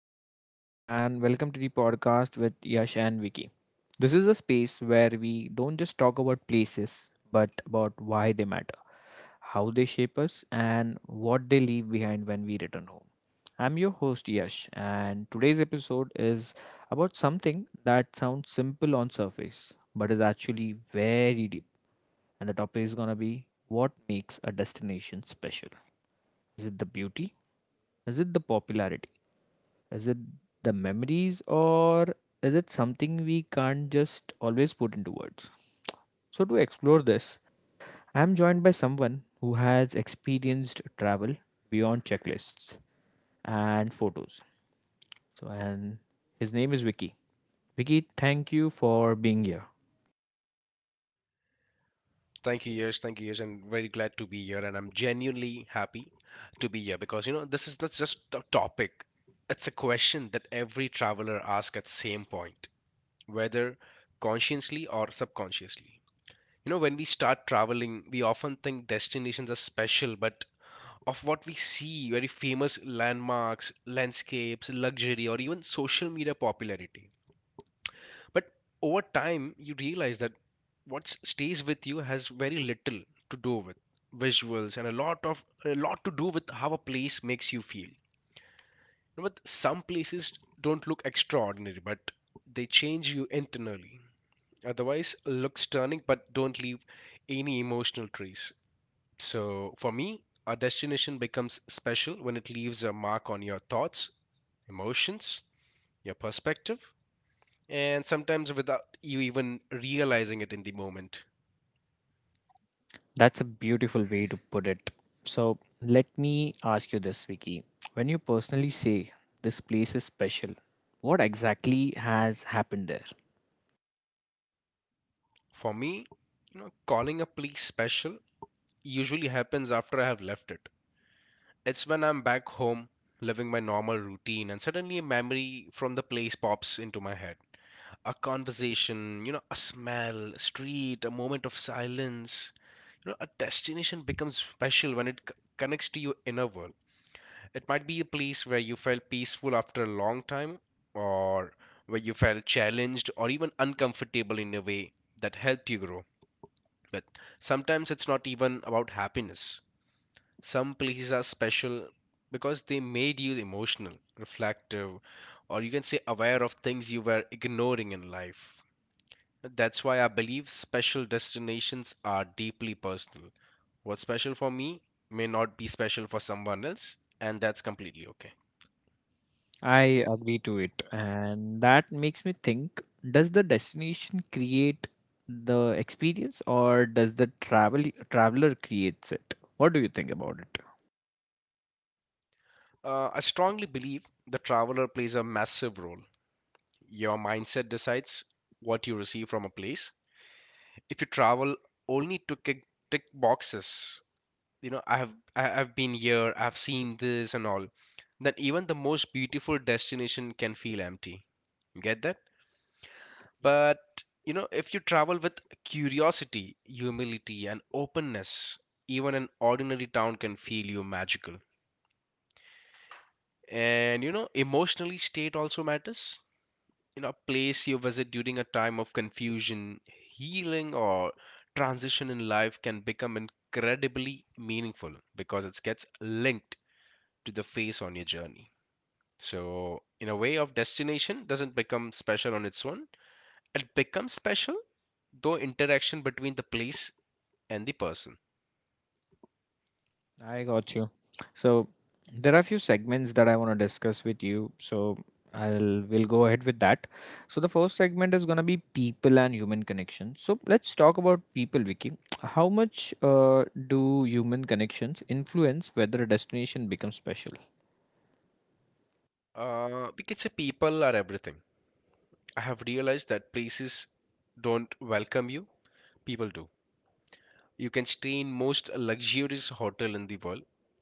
everyone, and welcome to the podcast with Yash and Vicky. This is a space where we don't just talk about places, but about why they matter, how they shape us, and what they leave behind when we return home. I'm your host, Yash, and today's episode is about something that sounds simple on surface, but is actually very deep. And the topic is gonna be what makes a destination special? Is it the beauty? Is it the popularity? Is it the memories or is it something we can't just always put into words? So, to explore this, I'm joined by someone who has experienced travel beyond checklists and photos. So, and his name is Vicky. Vicky, thank you for being here. Thank you, Yash. Thank you, Yash. I'm very glad to be here, and I'm genuinely happy to be here because this is not just a topic; it's a question that every traveler asks at same point, whether consciously or subconsciously. When we start traveling, we often think destinations are special, but of what we see, very famous landmarks, landscapes, luxury, or even social media popularity. But over time, you realize that what stays with you has very little to do with visuals and a lot to do with how a place makes you feel. But some places don't look extraordinary, but they change you internally. Otherwise, look stunning but don't leave any emotional trace. So for me, a destination becomes special when it leaves a mark on your thoughts, emotions, your perspective, and sometimes without you even realizing it in the moment. That's a beautiful way to put it. So, let me ask you this, Vicky. When you personally say this place is special, what exactly has happened there? For me, calling a place special usually happens after I have left it. It's when I'm back home, living my normal routine, and suddenly a memory from the place pops into my head. A conversation, a smell, a street, a moment of silence. A destination becomes special when it connects to your inner world. It might be a place where you felt peaceful after a long time, or where you felt challenged or even uncomfortable in a way that helped you grow. But sometimes it's not even about happiness. Some places are special because they made you emotional, reflective, or you can say aware of things you were ignoring in life. That's why I believe special destinations are deeply personal. What's special for me may not be special for someone else, and that's completely okay. I agree to it, and that makes me think does the destination create the experience or does the traveler creates it? What do you think about it? I strongly believe the traveler plays a massive role. Your mindset decides what you receive from a place. If you travel only to tick boxes, I've been here, I've seen this and all, then even the most beautiful destination can feel empty. You get that? But if you travel with curiosity, humility, and openness, even an ordinary town can feel you magical. And emotionally state also matters. A place you visit during a time of confusion, healing, or transition in life can become incredibly meaningful because it gets linked to the phase on your journey. So in a way of destination doesn't become special on its own, it becomes special though interaction between the place and the person. I got you. So there are a few segments that I want to discuss with you. So I'll we'll go ahead with that. So the first segment is gonna be people and human connection. So let's talk about people, Vicky. How much do human connections influence whether a destination becomes special? We can say people are everything. I have realized that places don't welcome you, people do. You can stay in most luxurious hotel in the world,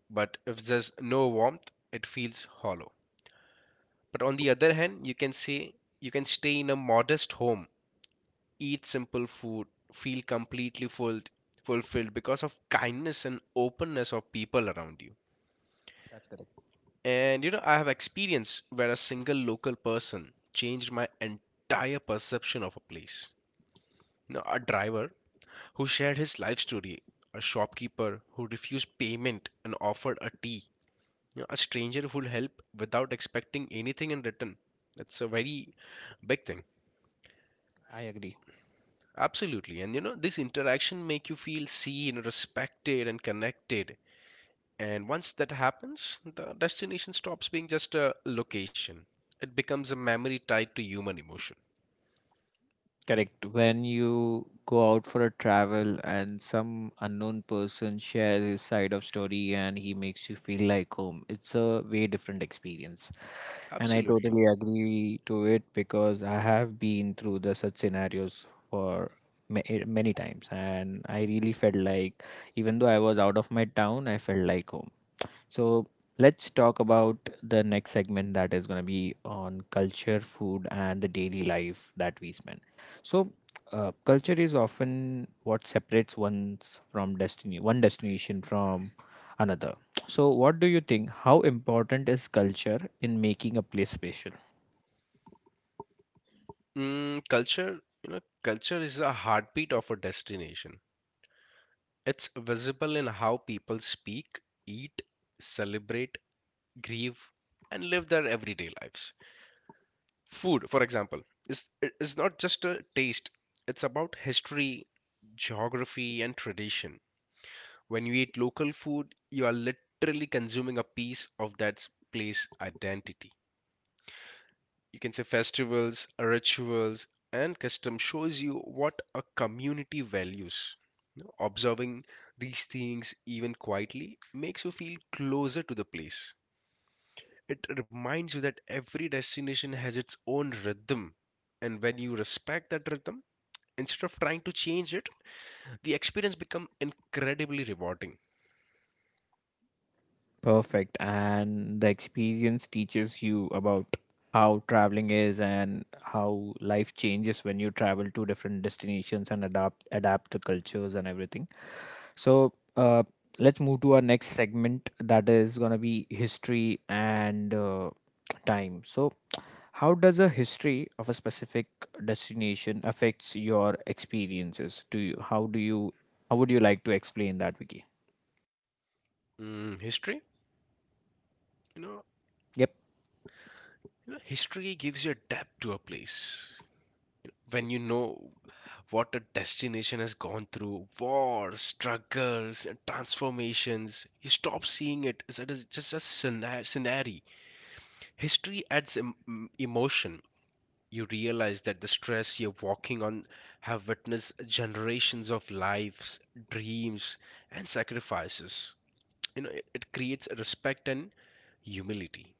but if there's no warmth, it feels hollow. But on the other hand, you can say you can stay in a modest home, eat simple food, feel completely full, fulfilled because of kindness and openness of people around you. That's correct. And I have experience where a single local person changed my entire perception of a place. A driver who shared his life story, a shopkeeper who refused payment and offered a tea, a stranger who'll help without expecting anything in return. That's a very big thing. I agree. Absolutely. And this interaction make you feel seen, respected, and connected. And once that happens, the destination stops being just a location. It becomes a memory tied to human emotion. Correct. When you go out for a travel and some unknown person shares his side of story and he makes you feel like home, it's a way different experience. And I Absolutely. totally agree to it because I have been through the such scenarios for many times and I really felt like even though I was out of my town, I felt like home. So let's talk about the next segment that is going to be on culture, food, and the daily life that we spend. So, culture is often what separates one destination from another. So what do you think? How important is culture in making a place special? Culture is a heartbeat of a destination. It's visible in how people speak, eat, celebrate, grieve, and live their everyday lives. Food, for example, is is not just a taste. It's about history, geography, and tradition. When you eat local food, you are literally consuming a piece of that place identity. You can say festivals, rituals, and custom shows you what a community values. Observing these things even quietly makes you feel closer to the place. It reminds you that every destination has its own rhythm. And when you respect that rhythm, instead of trying to change it, the experience becomes incredibly rewarding. Perfect. And the experience teaches you about how traveling is and how life changes when you travel to different destinations and adapt the cultures and everything. So, let's move to our next segment that is going to be history and time. So, how does a history of a specific destination affects your experiences? How do you how would you like to explain that, Vicky? Mm, history? You know, Yep, you know, History gives you a depth to a place. When you know what a destination has gone through wars, struggles, and transformations. You stop seeing it as it is just a scenario. History adds emotion. You realize that the stress you're walking on have witnessed generations of lives, dreams, and sacrifices. It creates respect and humility.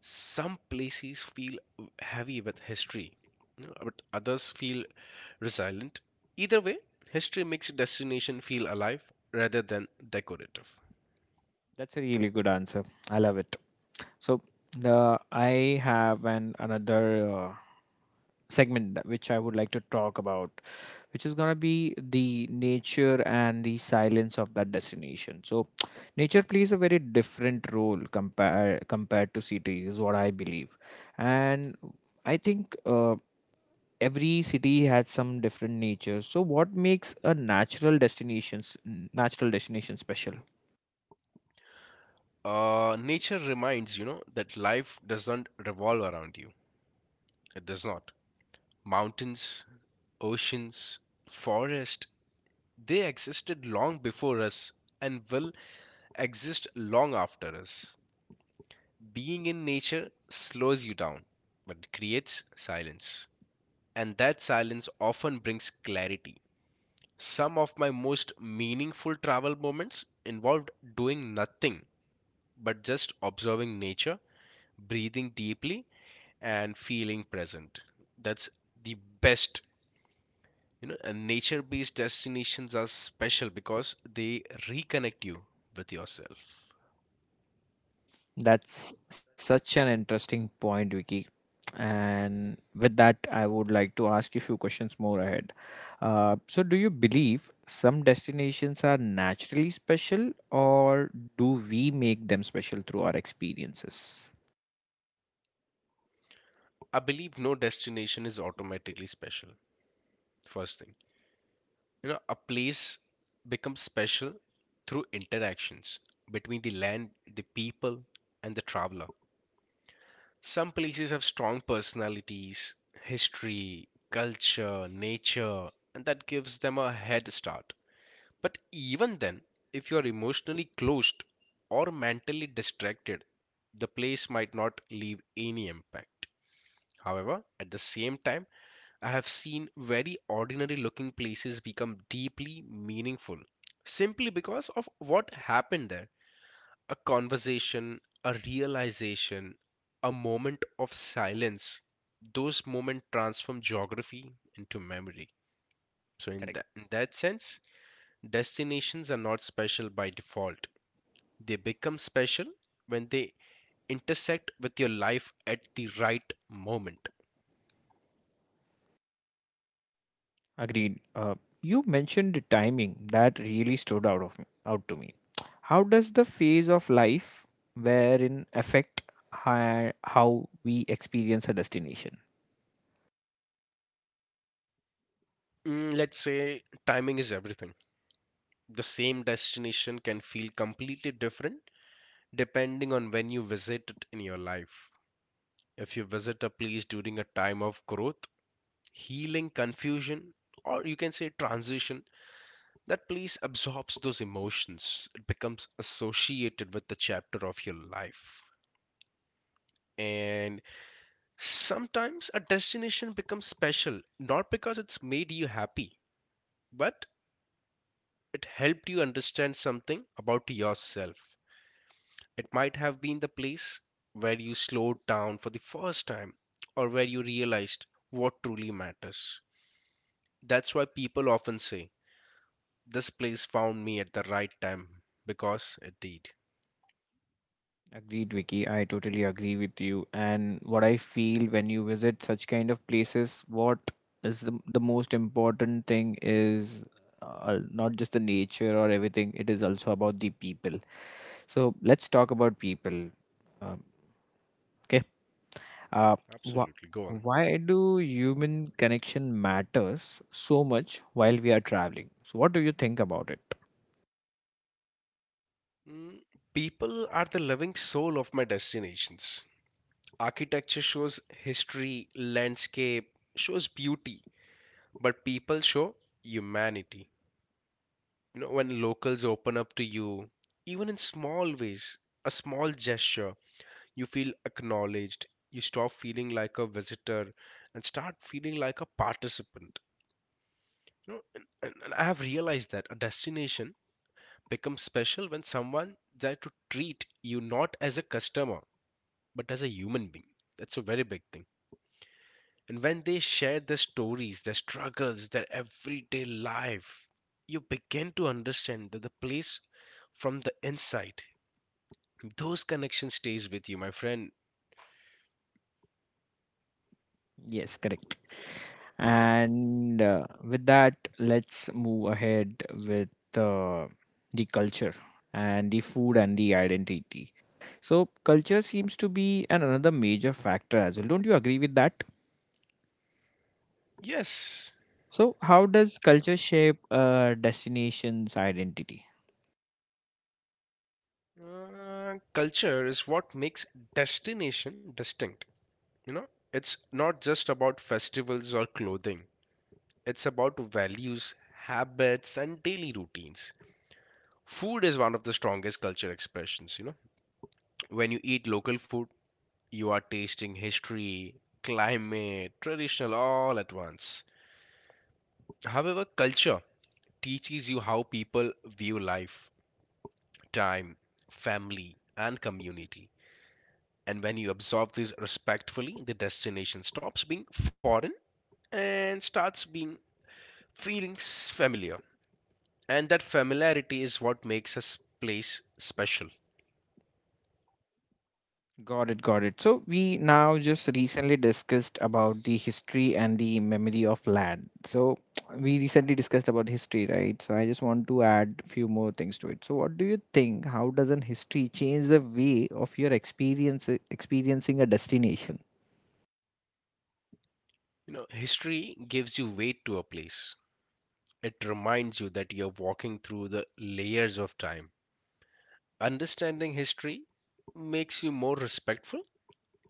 Some places feel heavy with history, but others feel resilient. Either way, history makes a destination feel alive rather than decorative. that's a really good answer. I love it. So the I have an another segment which I would like to talk about, which is gonna be the nature and the silence of that destination. So nature plays a very different role compared to cities, is what I believe, and I think. Every city has some different nature. So, what makes a natural destination special? Nature reminds that life doesn't revolve around you. It does not. Mountains, oceans, forest, they existed long before us and will exist long after us. Being in nature slows you down, but it creates silence. And that silence often brings clarity. Some of my most meaningful travel moments involved doing nothing but just observing nature, breathing deeply, and feeling present. That's the best. And nature based destinations are special because they reconnect you with yourself. That's such an interesting point, Vicky. And with that, I would like to ask you a few questions more ahead. So, do you believe some destinations are naturally special, or do we make them special through our experiences? I believe no destination is automatically special. First thing, a place becomes special through interactions between the land, the people, and the traveler. Some places have strong personalities, history, culture, nature, and that gives them a head start. But even then, if you are emotionally closed or mentally distracted, the place might not leave any impact. However, at the same time, I have seen very ordinary looking places become deeply meaningful simply because of what happened there. A conversation, a realization, a moment of silence. Those moments transform geography into memory. So, in, Correct. In that sense, destinations are not special by default. They become special when they intersect with your life at the right moment. Agreed. You mentioned the timing that really stood out to me. How does the phase of life wherein affect how we experience a destination? Let's say timing is everything. The same destination can feel completely different depending on when you visit it in your life. If you visit a place during a time of growth, healing, confusion, or you can say transition, that place absorbs those emotions. It becomes associated with the chapter of your life. And sometimes a destination becomes special not because it's made you happy, but it helped you understand something about yourself. It might have been the place where you slowed down for the first time or where you realized what truly matters. That's why people often say, "This place found me at the right time," because it did. Agreed, Vicky. I totally agree with you. And what I feel when you visit such kind of places, what is the most important thing is, not just the nature or everything, it is also about the people. So let's talk about people. Um, okay. Uh, wh- Absolutely, go on. why do human connection matters so much while we are traveling? So what do you think about it? Mm, People are the living soul of my destinations. Architecture shows history, landscape shows beauty, but people show humanity. When locals open up to you, even in small ways, a small gesture, you feel acknowledged. You stop feeling like a visitor and start feeling like a participant. And I have realized that a destination becomes special when someone there to treat you not as a customer, but as a human being. That's a very big thing. And when they share their stories, their struggles, their everyday life, you begin to understand that the place from the inside, those connections stays with you, my friend. Yes, correct. And with that, let's move ahead with uh, the culture and the food and the identity. So, culture seems to be an another major factor as well. Don't you agree with that? Yes, So, how does culture shape a destination's identity? Culture is what makes destination distinct. You know, it's not just about festivals or clothing. It's about values, habits, and daily routines. Food is one of the strongest culture expressions. When you eat local food, you are tasting history, climate, traditional all at once. However, culture teaches you how people view life, time, family, and community. And when you absorb this respectfully, the destination stops being foreign and starts being feeling familiar. And that familiarity is what makes a place special. Got it, got it. So we now just recently discussed about the history and the memory of land. So we recently discussed about history, right? So I just want to add few more things to it. So what do you think? How does an history change the way of your experience experiencing a destination? History gives you weight to a place. It reminds you that you're walking through the layers of time. Understanding history makes you more respectful.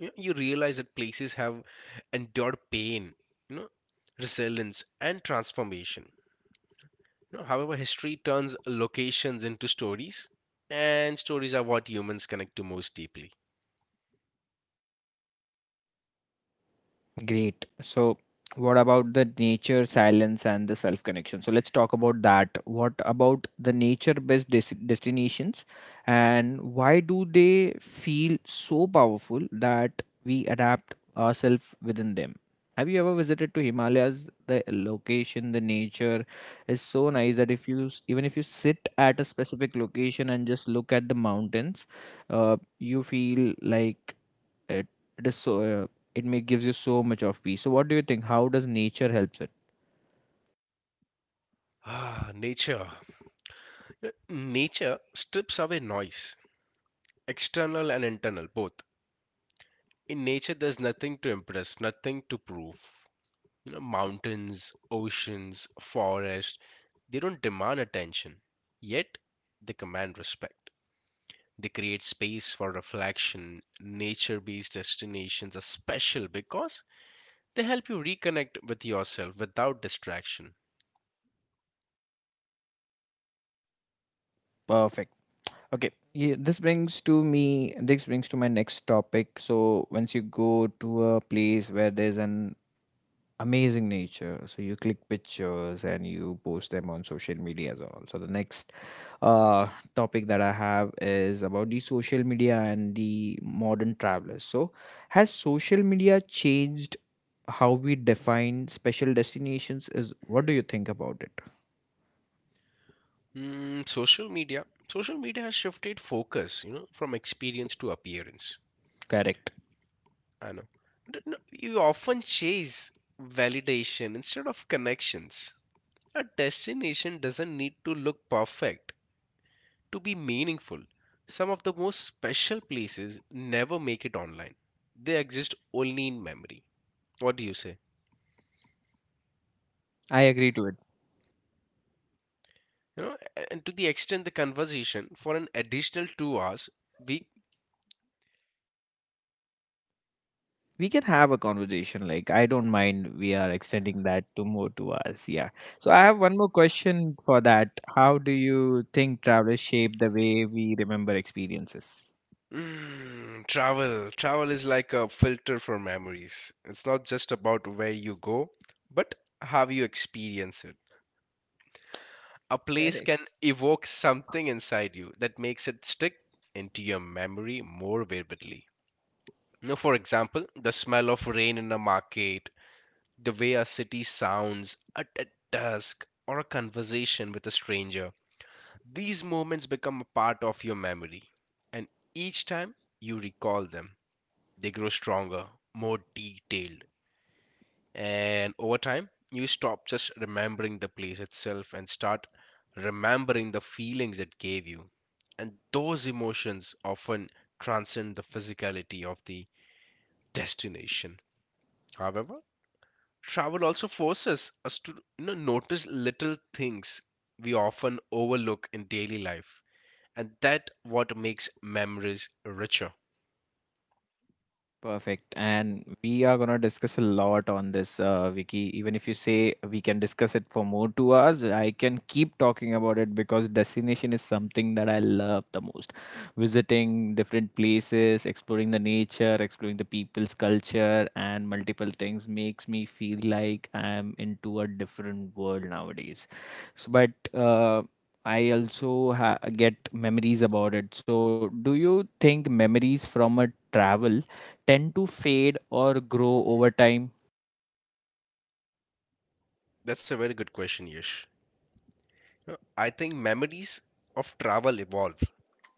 You realize that places have endured pain, you know resilience and transformation. However, history turns locations into stories, and stories are what humans connect to most deeply. Great. So, what about the nature, silence, and the self connection? So, let's talk about that. What about the nature based destinations and why do they feel so powerful that we adapt ourselves within them? Have you ever visited to Himalayas? The location, the nature is so nice that if you even if you sit at a specific location and just look at the mountains, you feel like it, it is so it may gives you so much of peace. So what do you think? How does nature helps it? Nature. You Nature strips away noise, external and internal both. In nature there's nothing to impress, nothing to prove. Mountains, oceans, forest, they don't demand attention, yet they command respect. They create space for reflection. Nature based destinations are special because they help you reconnect with yourself without distraction. Perfect. Okay. Yeah, this brings to me this brings to my next topic. So once you go to a place where there's an amazing nature, so you click pictures and you post them on social media as well. So the next uh, topic that I have is about the social media and the modern travelers. So has social media changed how we define special destinations is what do you think about it? Social media. Social media has shifted focus, from experience to appearance. Correct. I know. No, you often chase validation instead of connections. A destination doesn't need to look perfect to be meaningful. Some of the most special places never make it online. They exist only in memory. What do you say? I agree to it. And to the extent the conversation for an additional 2 hours, we We can have a conversation. Like, I don't mind. We are extending that to more to us. Yeah. So, I have one more question for that. How do you think travelers shape the way we remember experiences? Travel. Travel is like a filter for memories. It's not just about where you go, but how you experience it. A place Correct. can evoke something inside you that makes it stick into your memory more vividly. Now, for example, the smell of rain in a market, the way a city sounds at dusk, or a conversation with a stranger. These moments become a part of your memory, and each time you recall them, they grow stronger, more detailed, and over time, you stop just remembering the place itself and start remembering the feelings it gave you. And those emotions often transcend the physicality of the destination. However, travel also forces us to notice little things we often overlook in daily life. And that what makes memories richer. Perfect. And we are going to discuss a lot on this, Vicky. Even if you say we can discuss it for more 2 hours, I can keep talking about it because destination is something that I love the most. Visiting different places, exploring the nature, exploring the people's culture, and multiple things makes me feel like I'm into a different world nowadays. So, but I also get memories about it. So, do you think memories from a travel tend to fade or grow over time? That's a very good question, Yash. I think memories of travel evolve.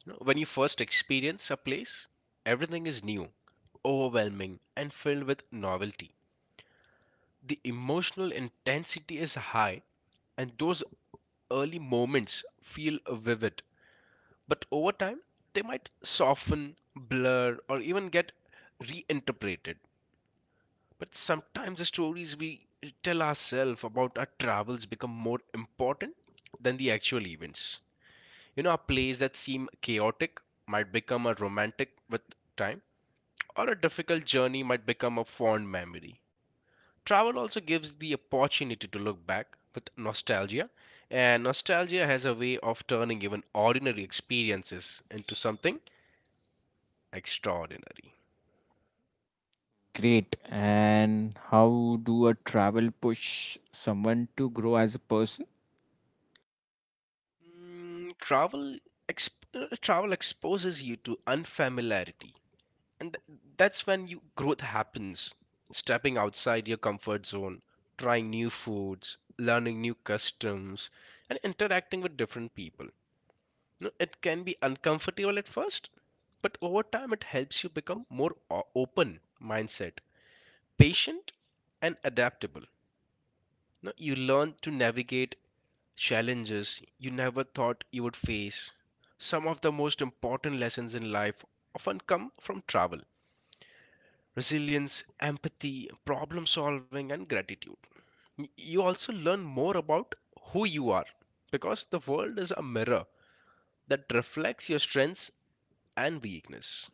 You know, when you first experience a place, everything is new, overwhelming, and filled with novelty. The emotional intensity is high, and those early moments feel vivid. But over time, they might soften, blur, or even get reinterpreted. But sometimes the stories we tell ourselves about our travels become more important than the actual events. You know, a place that seemed chaotic might become a romantic with time, or a difficult journey might become a fond memory. Travel also gives the opportunity to look back with nostalgia, and nostalgia has a way of turning even ordinary experiences into something extraordinary. Great. And how do a travel push someone to grow as a person? Mm, travel travel exposes you to unfamiliarity. And that's when you growth happens. Stepping outside your comfort zone, trying new foods, learning new customs, and interacting with different people. You know, it can be uncomfortable at first, but over time it helps you become more open mindset, patient, and adaptable. You know, you learn to navigate challenges you never thought you would face. Some of the most important lessons in life often come from travel resilience, empathy, problem solving, and gratitude. You also learn more about who you are because the world is a mirror that reflects your strengths and weakness.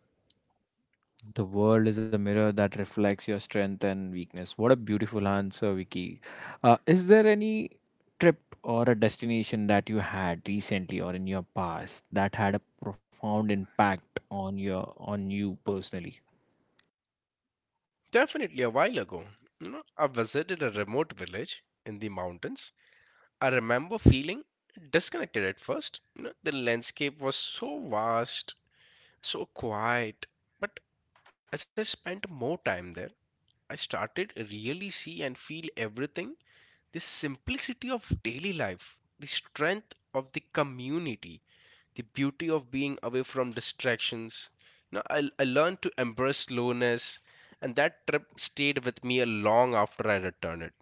The world is a mirror that reflects your strength and weakness. What a beautiful answer, Vicky. Is there any trip or a destination that you had recently or in your past that had a profound impact on your on you personally? Definitely a while ago, you know, I visited a remote village in the mountains. I remember feeling disconnected at first. You know, the landscape was so vast, so quiet. But as I spent more time there, I started really see and feel everything the simplicity of daily life, the strength of the community, the beauty of being away from distractions. You know, I learned to embrace slowness, and that trip stayed with me a long after I returned it.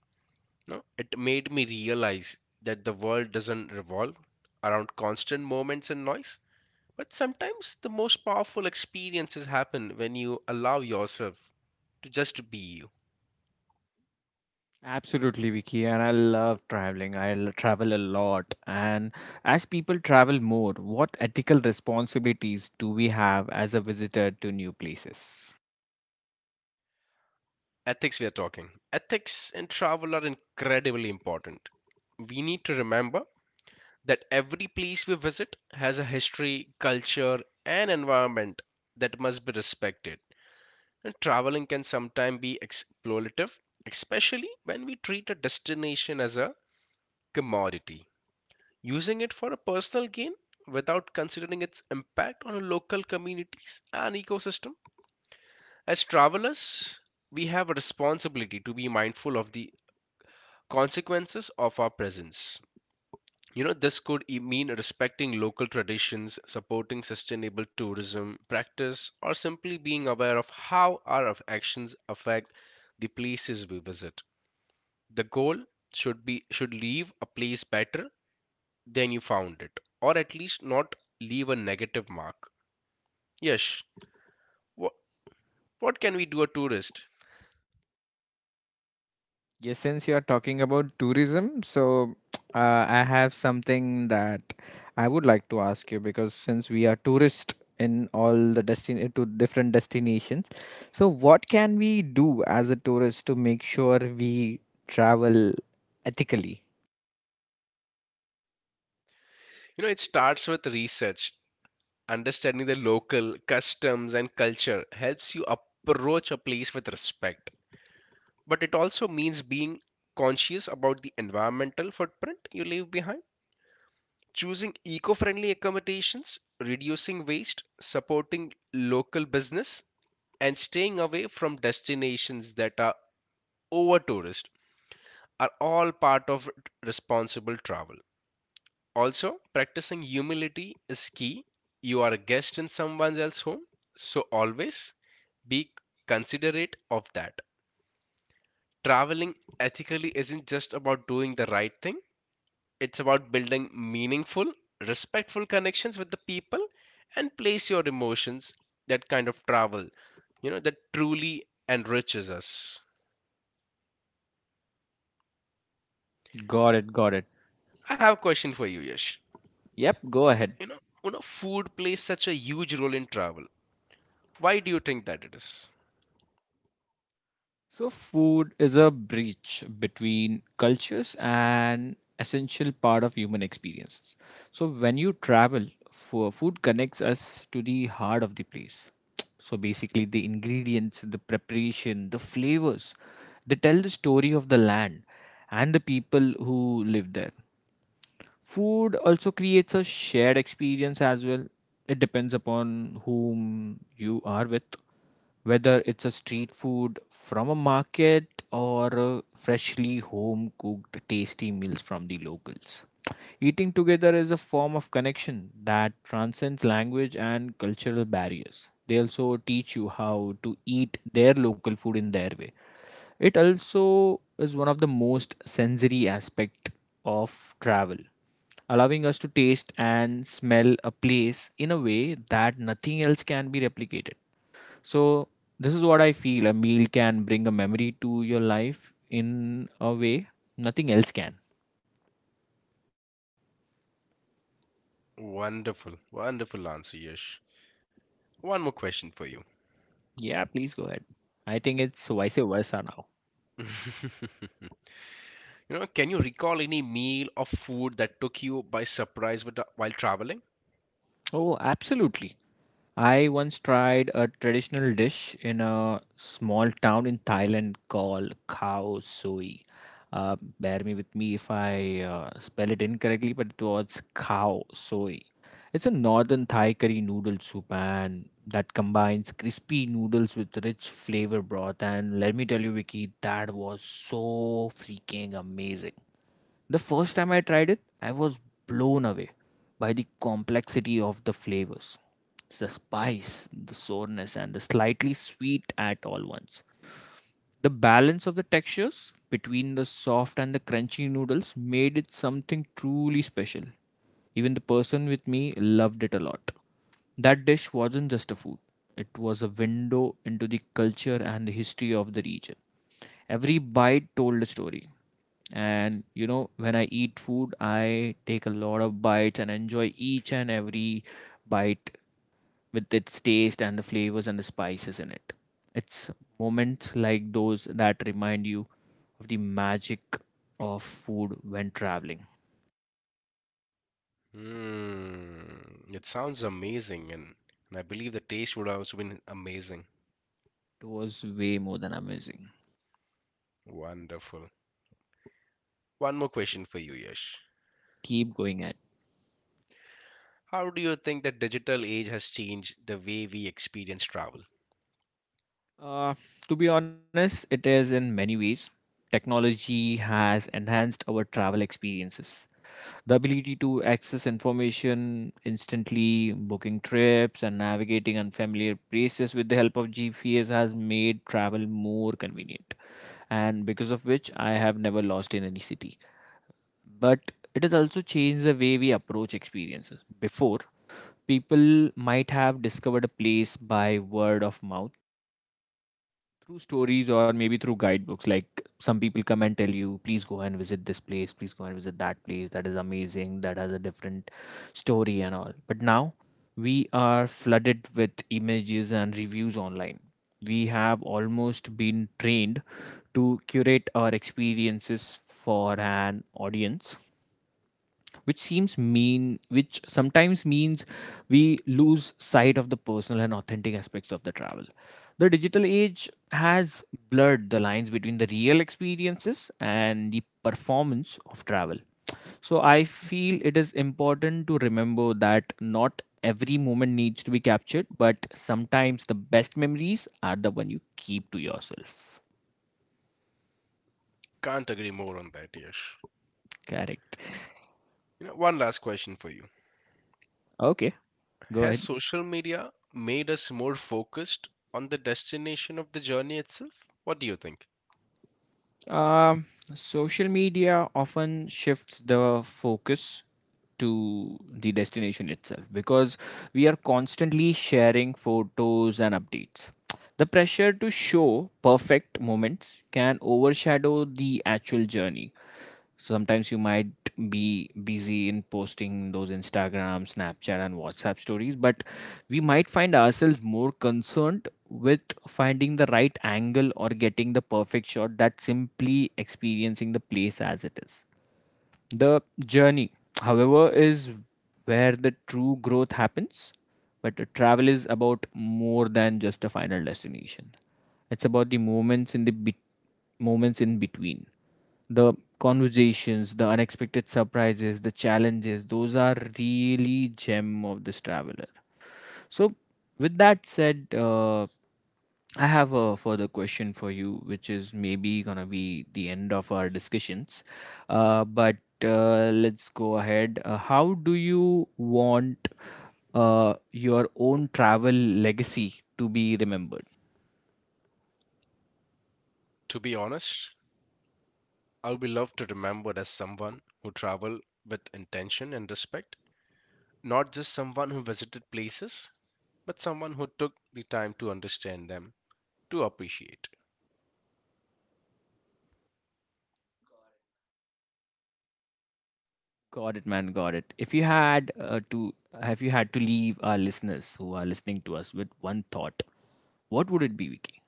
You know, it made me realize that the world doesn't revolve around constant moments and noise, but sometimes the most powerful experiences happen when you allow yourself to just be you. Absolutely, Vicky, and I love traveling. Travel a lot, and as people travel more, what ethical responsibilities do we have as a visitor to new places? Ethics we are talking, ethics in travel are incredibly important. We need to remember that every place we visit has a history culture and environment that must be respected, and traveling can sometimes be exploitative, especially when we treat a destination as a commodity, using it for a personal gain without considering its impact on local communities and ecosystem. As travelers, we have a responsibility to be mindful of the consequences of our presence. You know, this could mean respecting local traditions, supporting sustainable tourism practice, or simply being aware of how our actions affect the places we visit. The goal should be should leave a place better than you found it, or at least not leave a negative mark. Yes, what what can we do a tourist? Yes, since you are talking about tourism, so I have something that I would like to ask you because since we are tourists in all the destin to different destinations, so what can we do as a tourist to make sure we travel ethically? You know, it starts with research. Understanding the local customs and culture helps you approach a place with respect, but it also means being conscious about the environmental footprint you leave behind, choosing eco friendly accommodations, reducing waste, supporting local business, and staying away from destinations that are over tourist are all part of responsible travel. Also, practicing humility is key. You are a guest in someone else's home, so always be considerate of that. Traveling ethically isn't just about doing the right thing, it's about building meaningful, respectful connections with the people and place your emotions, that kind of travel, you know, that truly enriches us. Got it, got it. I have a question for you, Yash. Yep, go ahead. You know, food plays such a huge role in travel. Why do you think that it is? So, food is a bridge between cultures and essential part of human experiences. So, when you travel, food connects us to the heart of the place. So, basically, the ingredients, the preparation, the flavors, they tell the story of the land and the people who live there. Food also creates a shared experience as well. It depends upon whom you are with, whether it's a street food from a market or freshly home cooked tasty meals from the locals. Eating together is a form of connection that transcends language and cultural barriers. They also teach you how to eat their local food in their way. It also is one of the most sensory aspect of travel, allowing us to taste and smell a place in a way that nothing else can be replicated. So this is what I feel a meal can bring a memory to your life in a way nothing else can. Wonderful, wonderful answer, Yash. One more question for you. Yeah, please go ahead. I think it's vice versa now. You know, can you recall any meal or food that took you by surprise while traveling? Oh, absolutely. I once tried a traditional dish in a small town in Thailand called Khao Sui. Bear me if I spell it incorrectly, but it was Khao Sui. It's a northern Thai curry noodle soup and that combines crispy noodles with rich flavor broth. And let me tell you, Vicky, that was so freaking amazing. The first time I tried it, I was blown away by the complexity of the flavors, the spice, the sourness, and the slightly sweet at all once. The balance of the textures between the soft and the crunchy noodles made it something truly special. Even the person with me loved it a lot. That dish wasn't just a food, it was a window into the culture and the history of the region. Every bite told a story. And you know, when I eat food, I take a lot of bites and enjoy each and every bite with its taste and the flavors and the spices in it. It's moments like those that remind you of the magic of food when traveling. Hmm, it sounds amazing, and I believe the taste would have also been amazing. It was way more than amazing. Wonderful. One more question for you, Yash. Keep going at. How do you think that digital age has changed the way we experience travel? Uh, to be honest, it is in many ways. Technology has enhanced our travel experiences. The ability to access information instantly, booking trips, and navigating unfamiliar places with the help of GPS has made travel more convenient, and because of which I have never lost in any city. But it has also changed the way we approach experiences. Before, people might have discovered a place by word of mouth through stories or maybe through guidebooks, like some people come and tell you please go and visit this place, please go and visit that place, that is amazing, that has a different story and all. But now we are flooded with images and reviews online. We have almost been trained to curate our experiences for an audience, which sometimes means we lose sight of the personal and authentic aspects of the travel. The digital age has blurred the lines between the real experiences and the performance of travel. So I feel it is important to remember that not every moment needs to be captured, but sometimes the best memories are the one you keep to yourself. Can't agree more on that, Yash. Correct. You know, one last question for you. Okay, go Has ahead. social media made us more focused on the destination of the journey itself? What do you think? Um, Social media often shifts the focus to the destination itself because we are constantly sharing photos and updates. The pressure to show perfect moments can overshadow the actual journey. Sometimes you might be busy in posting those Instagram, Snapchat, and WhatsApp stories, but we might find ourselves more concerned with finding the right angle or getting the perfect shot that simply experiencing the place as it is. The journey, however, is where the true growth happens. But the travel is about more than just a final destination. It's about the moments in the be moments in between, the conversations, the unexpected surprises, the challenges. Those are really gem of this traveler. So with that said, I have a further question for you which is maybe gonna be the end of our discussions. But Let's go ahead. How do you want, your own travel legacy to be remembered? To be honest, I'll be loved to remembered as someone who traveled with intention and respect, not just someone who visited places, but someone who took the time to understand them to appreciate. Got it, man. Got it. If you had have you had to leave our listeners who are listening to us with one thought, what would it be, Vicky?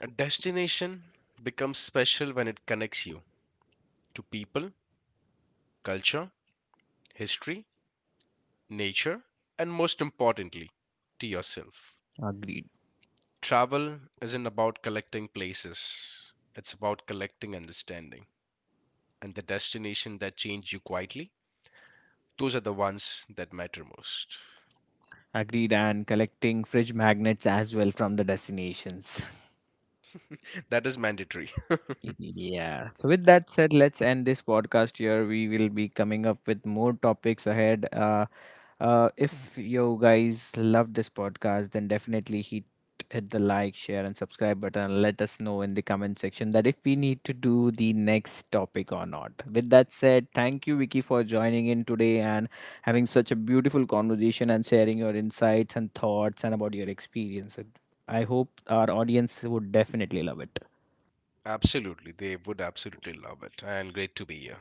A destination becomes special when it connects you to people, culture, history, nature, and most importantly, to yourself. Agreed. Travel isn't about collecting places, it's about collecting understanding. And the destination that change you quietly, those are the ones that matter most. Agreed. And collecting fridge magnets as well from the destinations. That is mandatory. Yeah. So with that said, let's end this podcast here. We will be coming up with more topics ahead. If you guys love this podcast, then definitely hit the like, share, and subscribe button. Let us know in the comment section that if we need to do the next topic or not. With that said, thank you, Vicky, for joining in today and having such a beautiful conversation and sharing your insights and thoughts and about your experience. I hope our audience would definitely love it. Absolutely. They would absolutely love it. And great to be here.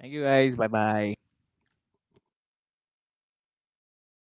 Thank you guys. Bye bye.